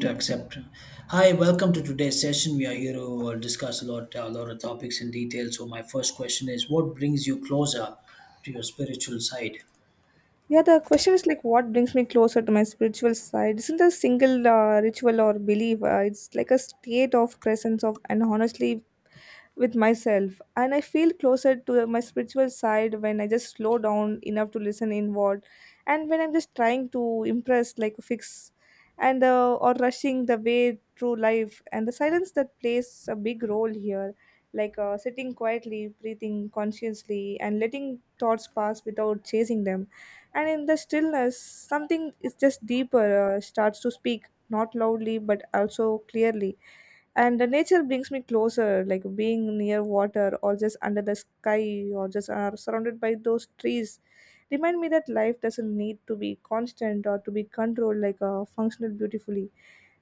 To accept. Hi, welcome to today's session. We are here to discuss a lot of topics in detail. So, my first question is, what brings you closer to your spiritual side? Yeah, the question is like what brings me closer to my spiritual side isn't a single ritual or belief. It's like a state of presence of and honestly with myself. And I feel closer to my spiritual side when I just slow down enough to listen inward, and when I'm just trying to impress like fix, and or rushing the way through life. And the silence that plays a big role here, like sitting quietly, breathing consciously, and letting thoughts pass without chasing them, and in the stillness something is just deeper starts to speak, not loudly but also clearly. And the nature brings me closer, like being near water or just under the sky or just surrounded by those trees, remind me that life doesn't need to be constant or to be controlled, like functional beautifully.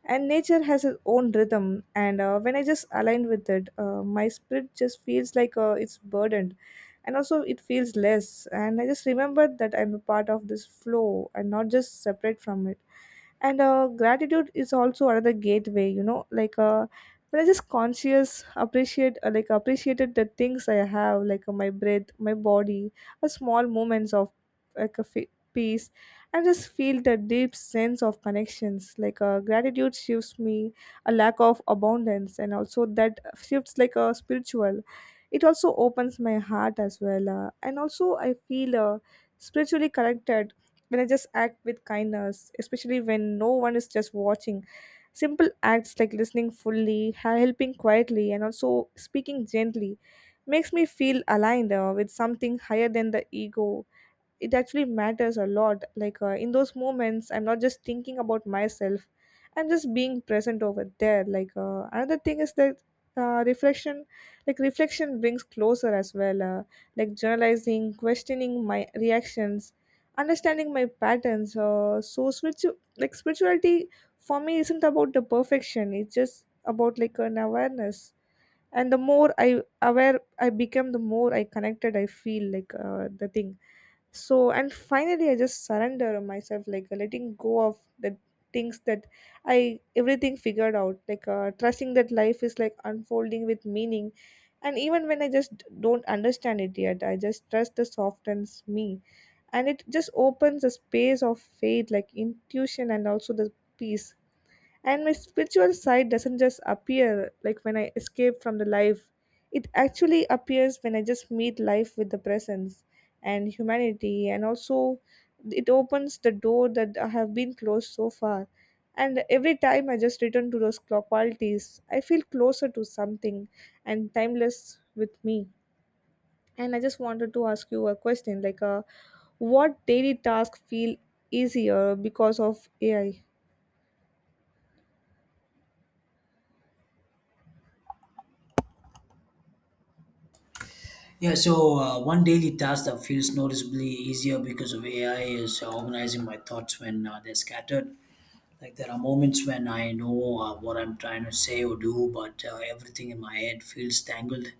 And nature has its own rhythm, and when I just align with it, my spirit just feels like it's burdened, and also it feels less, and I just remember that I'm a part of this flow and not just separate from it. And gratitude is also another gateway, like when I just conscious appreciate, like appreciated the things I have, like my breath, my body, a small moments of, like a peace. I just feel the deep sense of connections. Like gratitude shifts me a lack of abundance, and also that shifts like a spiritual. It also opens my heart as well, and also I feel spiritually connected when I just act with kindness, especially when no one is just watching. Simple acts like listening fully, helping quietly, and also speaking gently makes me feel aligned with something higher than the ego. It actually matters a lot, like in those moments I'm not just thinking about myself, I'm just being present over there. Like another thing is that, reflection, reflection brings closer as well, like journalizing, questioning my reactions, understanding my patterns. So like spirituality for me isn't about the perfection, it's just about like an awareness. And the more I aware I become, the more I connected I feel, like the thing. So and finally I just surrender myself, like letting go of the things that I everything figured out, like trusting that life is like unfolding with meaning. And even when I just don't understand it yet, I just trust the softens me, and it just opens a space of faith, like intuition and also the peace. And my spiritual side doesn't just appear like when I escape from the life, it actually appears when I just meet life with the presence and humanity. And also, it opens the door that I have been closed so far. And every time I just return to those qualities, I feel closer to something and timeless with me. And I just wanted to ask you a question, like, what daily task feel easier because of AI? Yeah, so one daily task that feels noticeably easier because of AI is organizing my thoughts when they're scattered. Like there are moments when I know what I'm trying to say or do, but everything in my head feels tangled.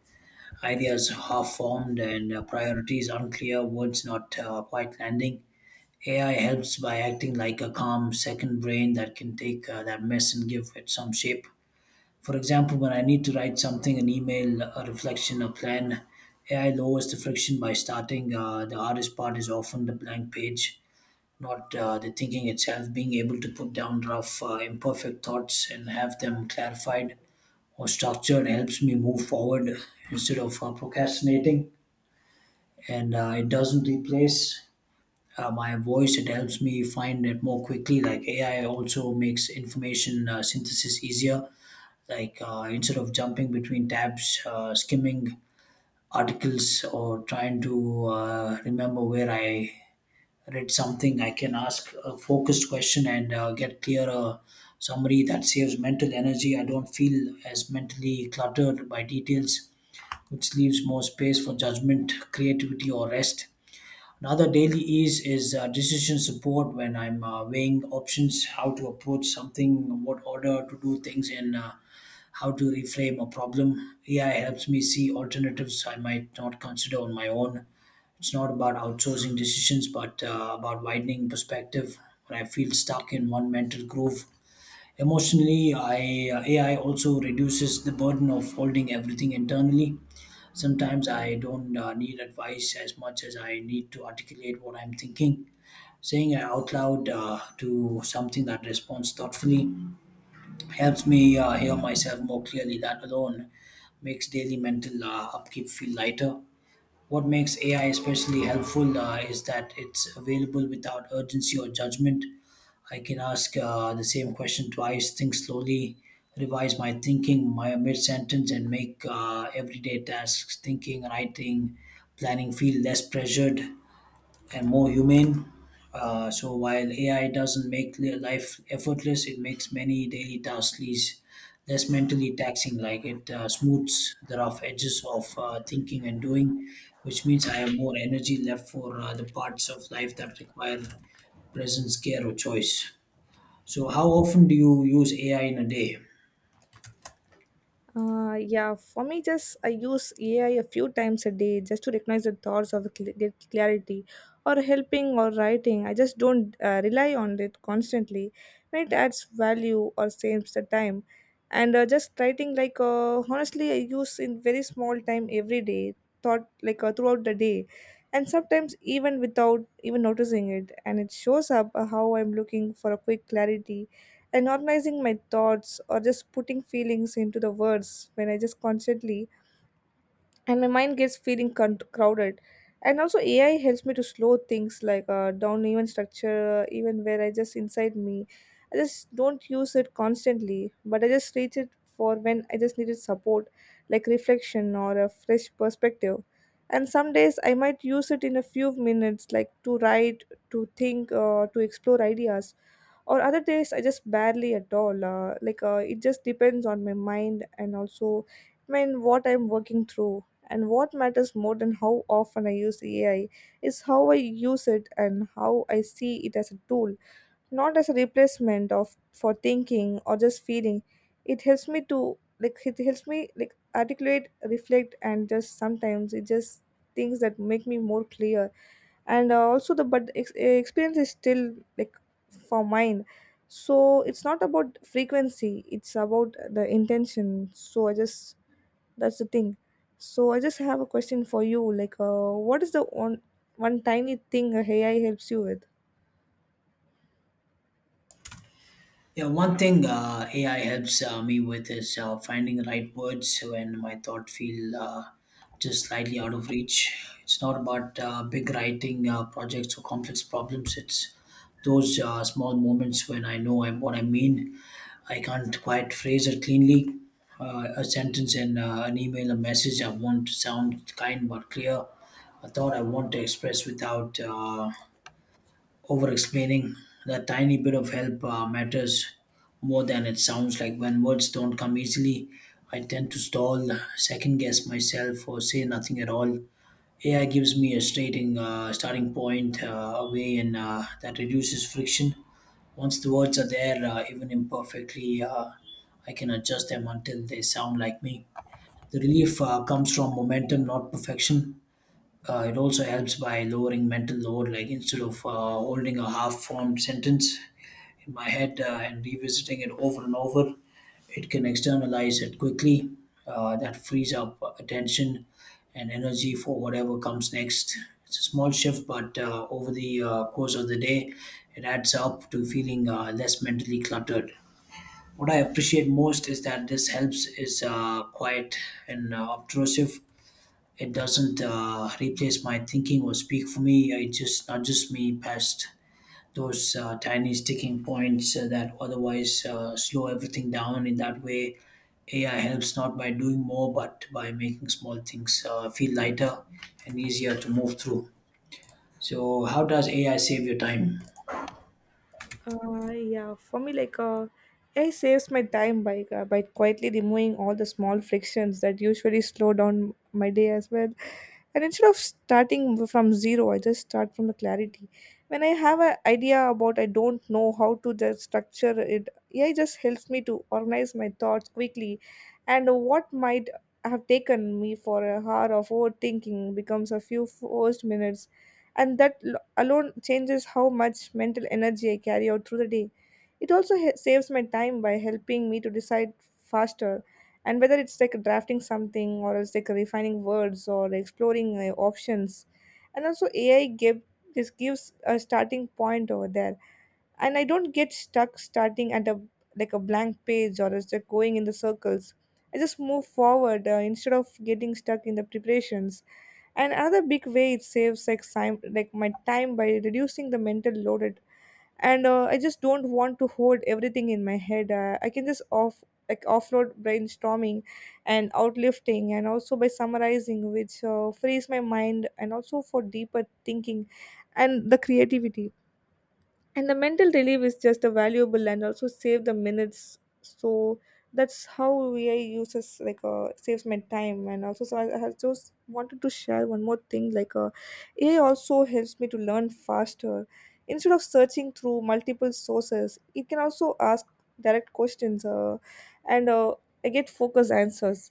Ideas half formed and priorities unclear, words not quite landing. AI helps by acting like a calm second brain that can take that mess and give it some shape. For example, when I need to write something, an email, a reflection, a plan, AI lowers the friction by starting. The hardest part is often the blank page, not the thinking itself. Being able to put down rough imperfect thoughts and have them clarified or structured helps me move forward instead of procrastinating. And it doesn't replace my voice. It helps me find it more quickly. Like AI also makes information synthesis easier. Like instead of jumping between tabs skimming articles or trying to remember where I read something, I can ask a focused question and get clearer summary that saves mental energy. I don't feel as mentally cluttered by details, which leaves more space for judgment, creativity, or rest. Another daily ease is decision support when I'm weighing options, how to approach something, what order to do things in, how to reframe a problem. AI helps me see alternatives I might not consider on my own. It's not about outsourcing decisions, but about widening perspective when I feel stuck in one mental groove. Emotionally, AI also reduces the burden of holding everything internally. Sometimes I don't need advice as much as I need to articulate what I'm thinking. Saying it out loud to something that responds thoughtfully helps me hear myself more clearly. That alone makes daily mental upkeep feel lighter. What makes AI especially helpful is that it's available without urgency or judgment. I can ask the same question twice, think slowly, revise my thinking, my mid sentence, and make everyday tasks, thinking, writing, planning, feel less pressured and more humane. So while AI doesn't make life effortless, it makes many daily tasks less mentally taxing. Like it smooths the rough edges of thinking and doing, which means I have more energy left for the parts of life that require presence, care, or choice. So, how often do you use AI in a day? Yeah, for me, just I use AI a few times a day just to recognize the thoughts of get clarity or helping or writing. I just don't rely on it constantly. When it adds value or saves the time, and just writing, like honestly, I use in very small time every day, thought like throughout the day, and sometimes even without even noticing it. And it shows up how I'm looking for a quick clarity and organizing my thoughts or just putting feelings into the words when I just constantly and my mind gets feeling crowded. And also AI helps me to slow things like down even structure, even where I just inside me. I just don't use it constantly, but I just reach it for when I just needed support, like reflection or a fresh perspective. And some days I might use it in a few minutes, like to write, to think, to explore ideas, or other days I just barely at all, like it just depends on my mind and also I mean what I'm working through. And what matters more than how often I use AI is how I use it, and how I see it as a tool, not as a replacement of for thinking or just feeling. It helps me to, like it helps me like articulate, reflect, and just sometimes it just things that make me more clear. And also the but experience is still like for mine. So it's not about frequency, it's about the intention. So I just, that's the thing. So I just have a question for you, like, what is the one tiny thing a AI helps you with? Yeah, one thing AI helps me with is finding the right words when my thought feel just slightly out of reach. It's not about big writing projects or complex problems. It's those small moments when I know what I mean. I can't quite phrase it cleanly. A sentence in an email, a message I want to sound kind but clear. A thought I want to express without over explaining. That tiny bit of help matters more than it sounds like. When words don't come easily, I tend to stall, second guess myself, or say nothing at all. AI gives me a starting point, a way, and that reduces friction. Once the words are there, even imperfectly, I can adjust them until they sound like me. The relief comes from momentum, not perfection. It also helps by lowering mental load, like instead of holding a half formed sentence in my head and revisiting it over and over, it can externalize it quickly. That frees up attention and energy for whatever comes next. It's a small shift, but over the course of the day, it adds up to feeling less mentally cluttered. What I appreciate most is that this helps is quiet and obtrusive. It doesn't replace my thinking or speak for me. It just nudges me past those tiny sticking points that otherwise slow everything down. In that way, AI helps not by doing more, but by making small things feel lighter and easier to move through. So, how does AI save your time? Yeah, for me, like, AI saves my time by quietly removing all the small frictions that usually slow down my day as well. And instead of starting from zero, I just start from the clarity. When I have an idea about I don't know how to just structure it, AI just helps me to organize my thoughts quickly, and what might have taken me for a hour of overthinking becomes a few forced minutes, and that alone changes how much mental energy I carry out through the day. It also saves my time by helping me to decide faster, and whether it's like drafting something or it's like refining words or exploring options. And also AI give this gives a starting point over there. And I don't get stuck starting at a like a blank page, or it's like going in the circles. I just move forward instead of getting stuck in the preparations. Another big way it saves like time, like my time, by reducing the mental loaded. And I just don't want to hold everything in my head, I can just off like offload brainstorming and outlifting, and also by summarizing, which frees my mind and also for deeper thinking and the creativity. And the mental relief is just a valuable and also save the minutes. So that's how vi uses, like saves my time, and also. So I just wanted to share one more thing, like AI also helps me to learn faster. Instead of searching through multiple sources, it can also ask direct questions, and I get focused answers,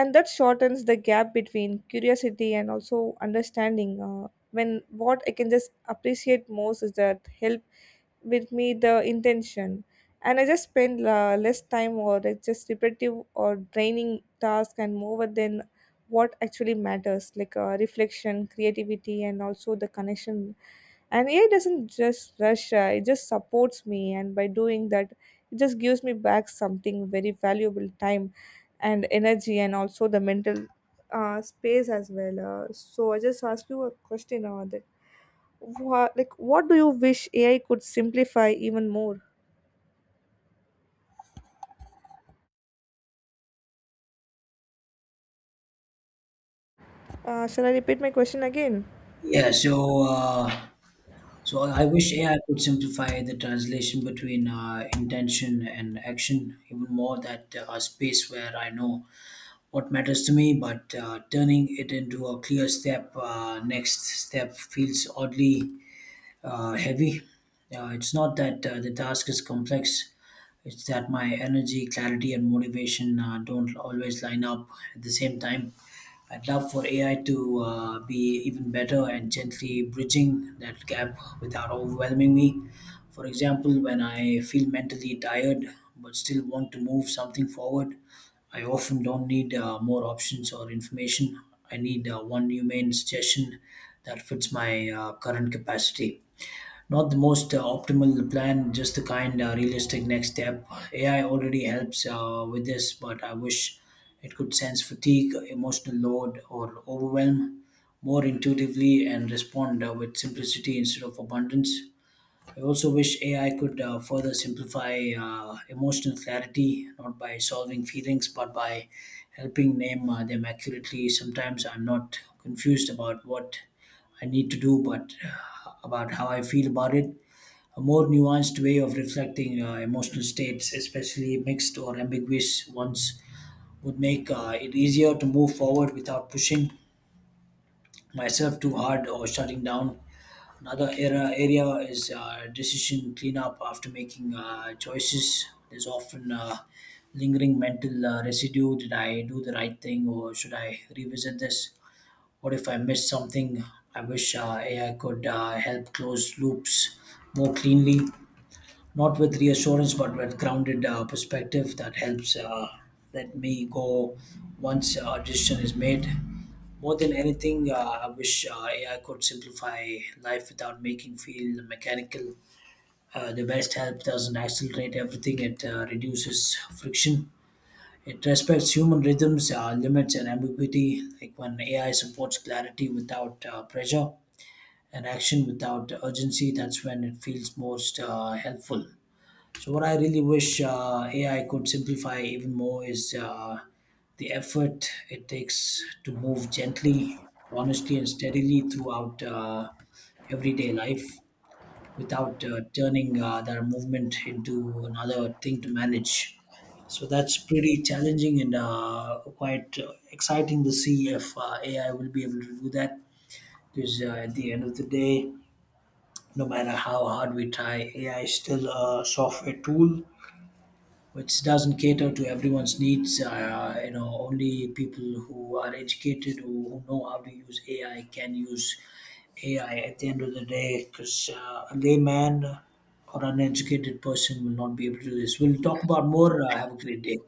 and that shortens the gap between curiosity and also understanding. When what I can just appreciate most is that help with me the intention, and I just spend less time or it's just repetitive or draining task, and more than what actually matters, like reflection, creativity, and also the connection. And AI doesn't just rush, it just supports me. And by doing that, it just gives me back something very valuable: time and energy, and also the mental space as well. So I just ask you a question on, Wha like, what do you wish AI could simplify even more? Shall I repeat my question again? Yeah, so I wish AI could simplify the translation between intention and action even more. That space where I know what matters to me, but turning it into a next step feels oddly heavy. It's not that the task is complex; it's that my energy, clarity, and motivation don't always line up at the same time. I'd love for AI to be even better and gently bridging that gap without overwhelming me. For example, when I feel mentally tired but still want to move something forward, I often don't need more options or information. I need one humane suggestion that fits my current capacity. Not the most optimal plan, just the kind realistic next step. AI already helps with this, but I wish it could sense fatigue, emotional load, or overwhelm more intuitively and respond with simplicity instead of abundance. I also wish AI could further simplify emotional clarity, not by solving feelings, but by helping name them accurately. Sometimes I'm not confused about what I need to do, but about how I feel about it. A more nuanced way of reflecting emotional states, especially mixed or ambiguous ones, would make it easier to move forward without pushing myself too hard or shutting down. Another era area is decision cleanup after making choices. There's often lingering mental residue. Did I do the right thing, or should I revisit this? What if I missed something? I wish AI could help close loops more cleanly, not with reassurance, but with grounded perspective that helps let me go once a decision is made. More than anything, I wish AI could simplify life without making feel mechanical. The best help doesn't accelerate everything; it reduces friction. It respects human rhythms, limits, and ambiguity. Like when AI supports clarity without pressure and action without urgency, that's when it feels most helpful. So what I really wish AI could simplify even more is the effort it takes to move gently, honestly, and steadily throughout everyday life without turning that movement into another thing to manage. So that's pretty challenging and quite exciting to see if AI will be able to do that. Because at the end of the day, no matter how hard we try, AI is still a software tool which doesn't cater to everyone's needs. Only people who are educated, who know how to use AI, can use AI at the end of the day. Because a layman or an educated person will not be able to do this. We'll talk about more. Have a great day.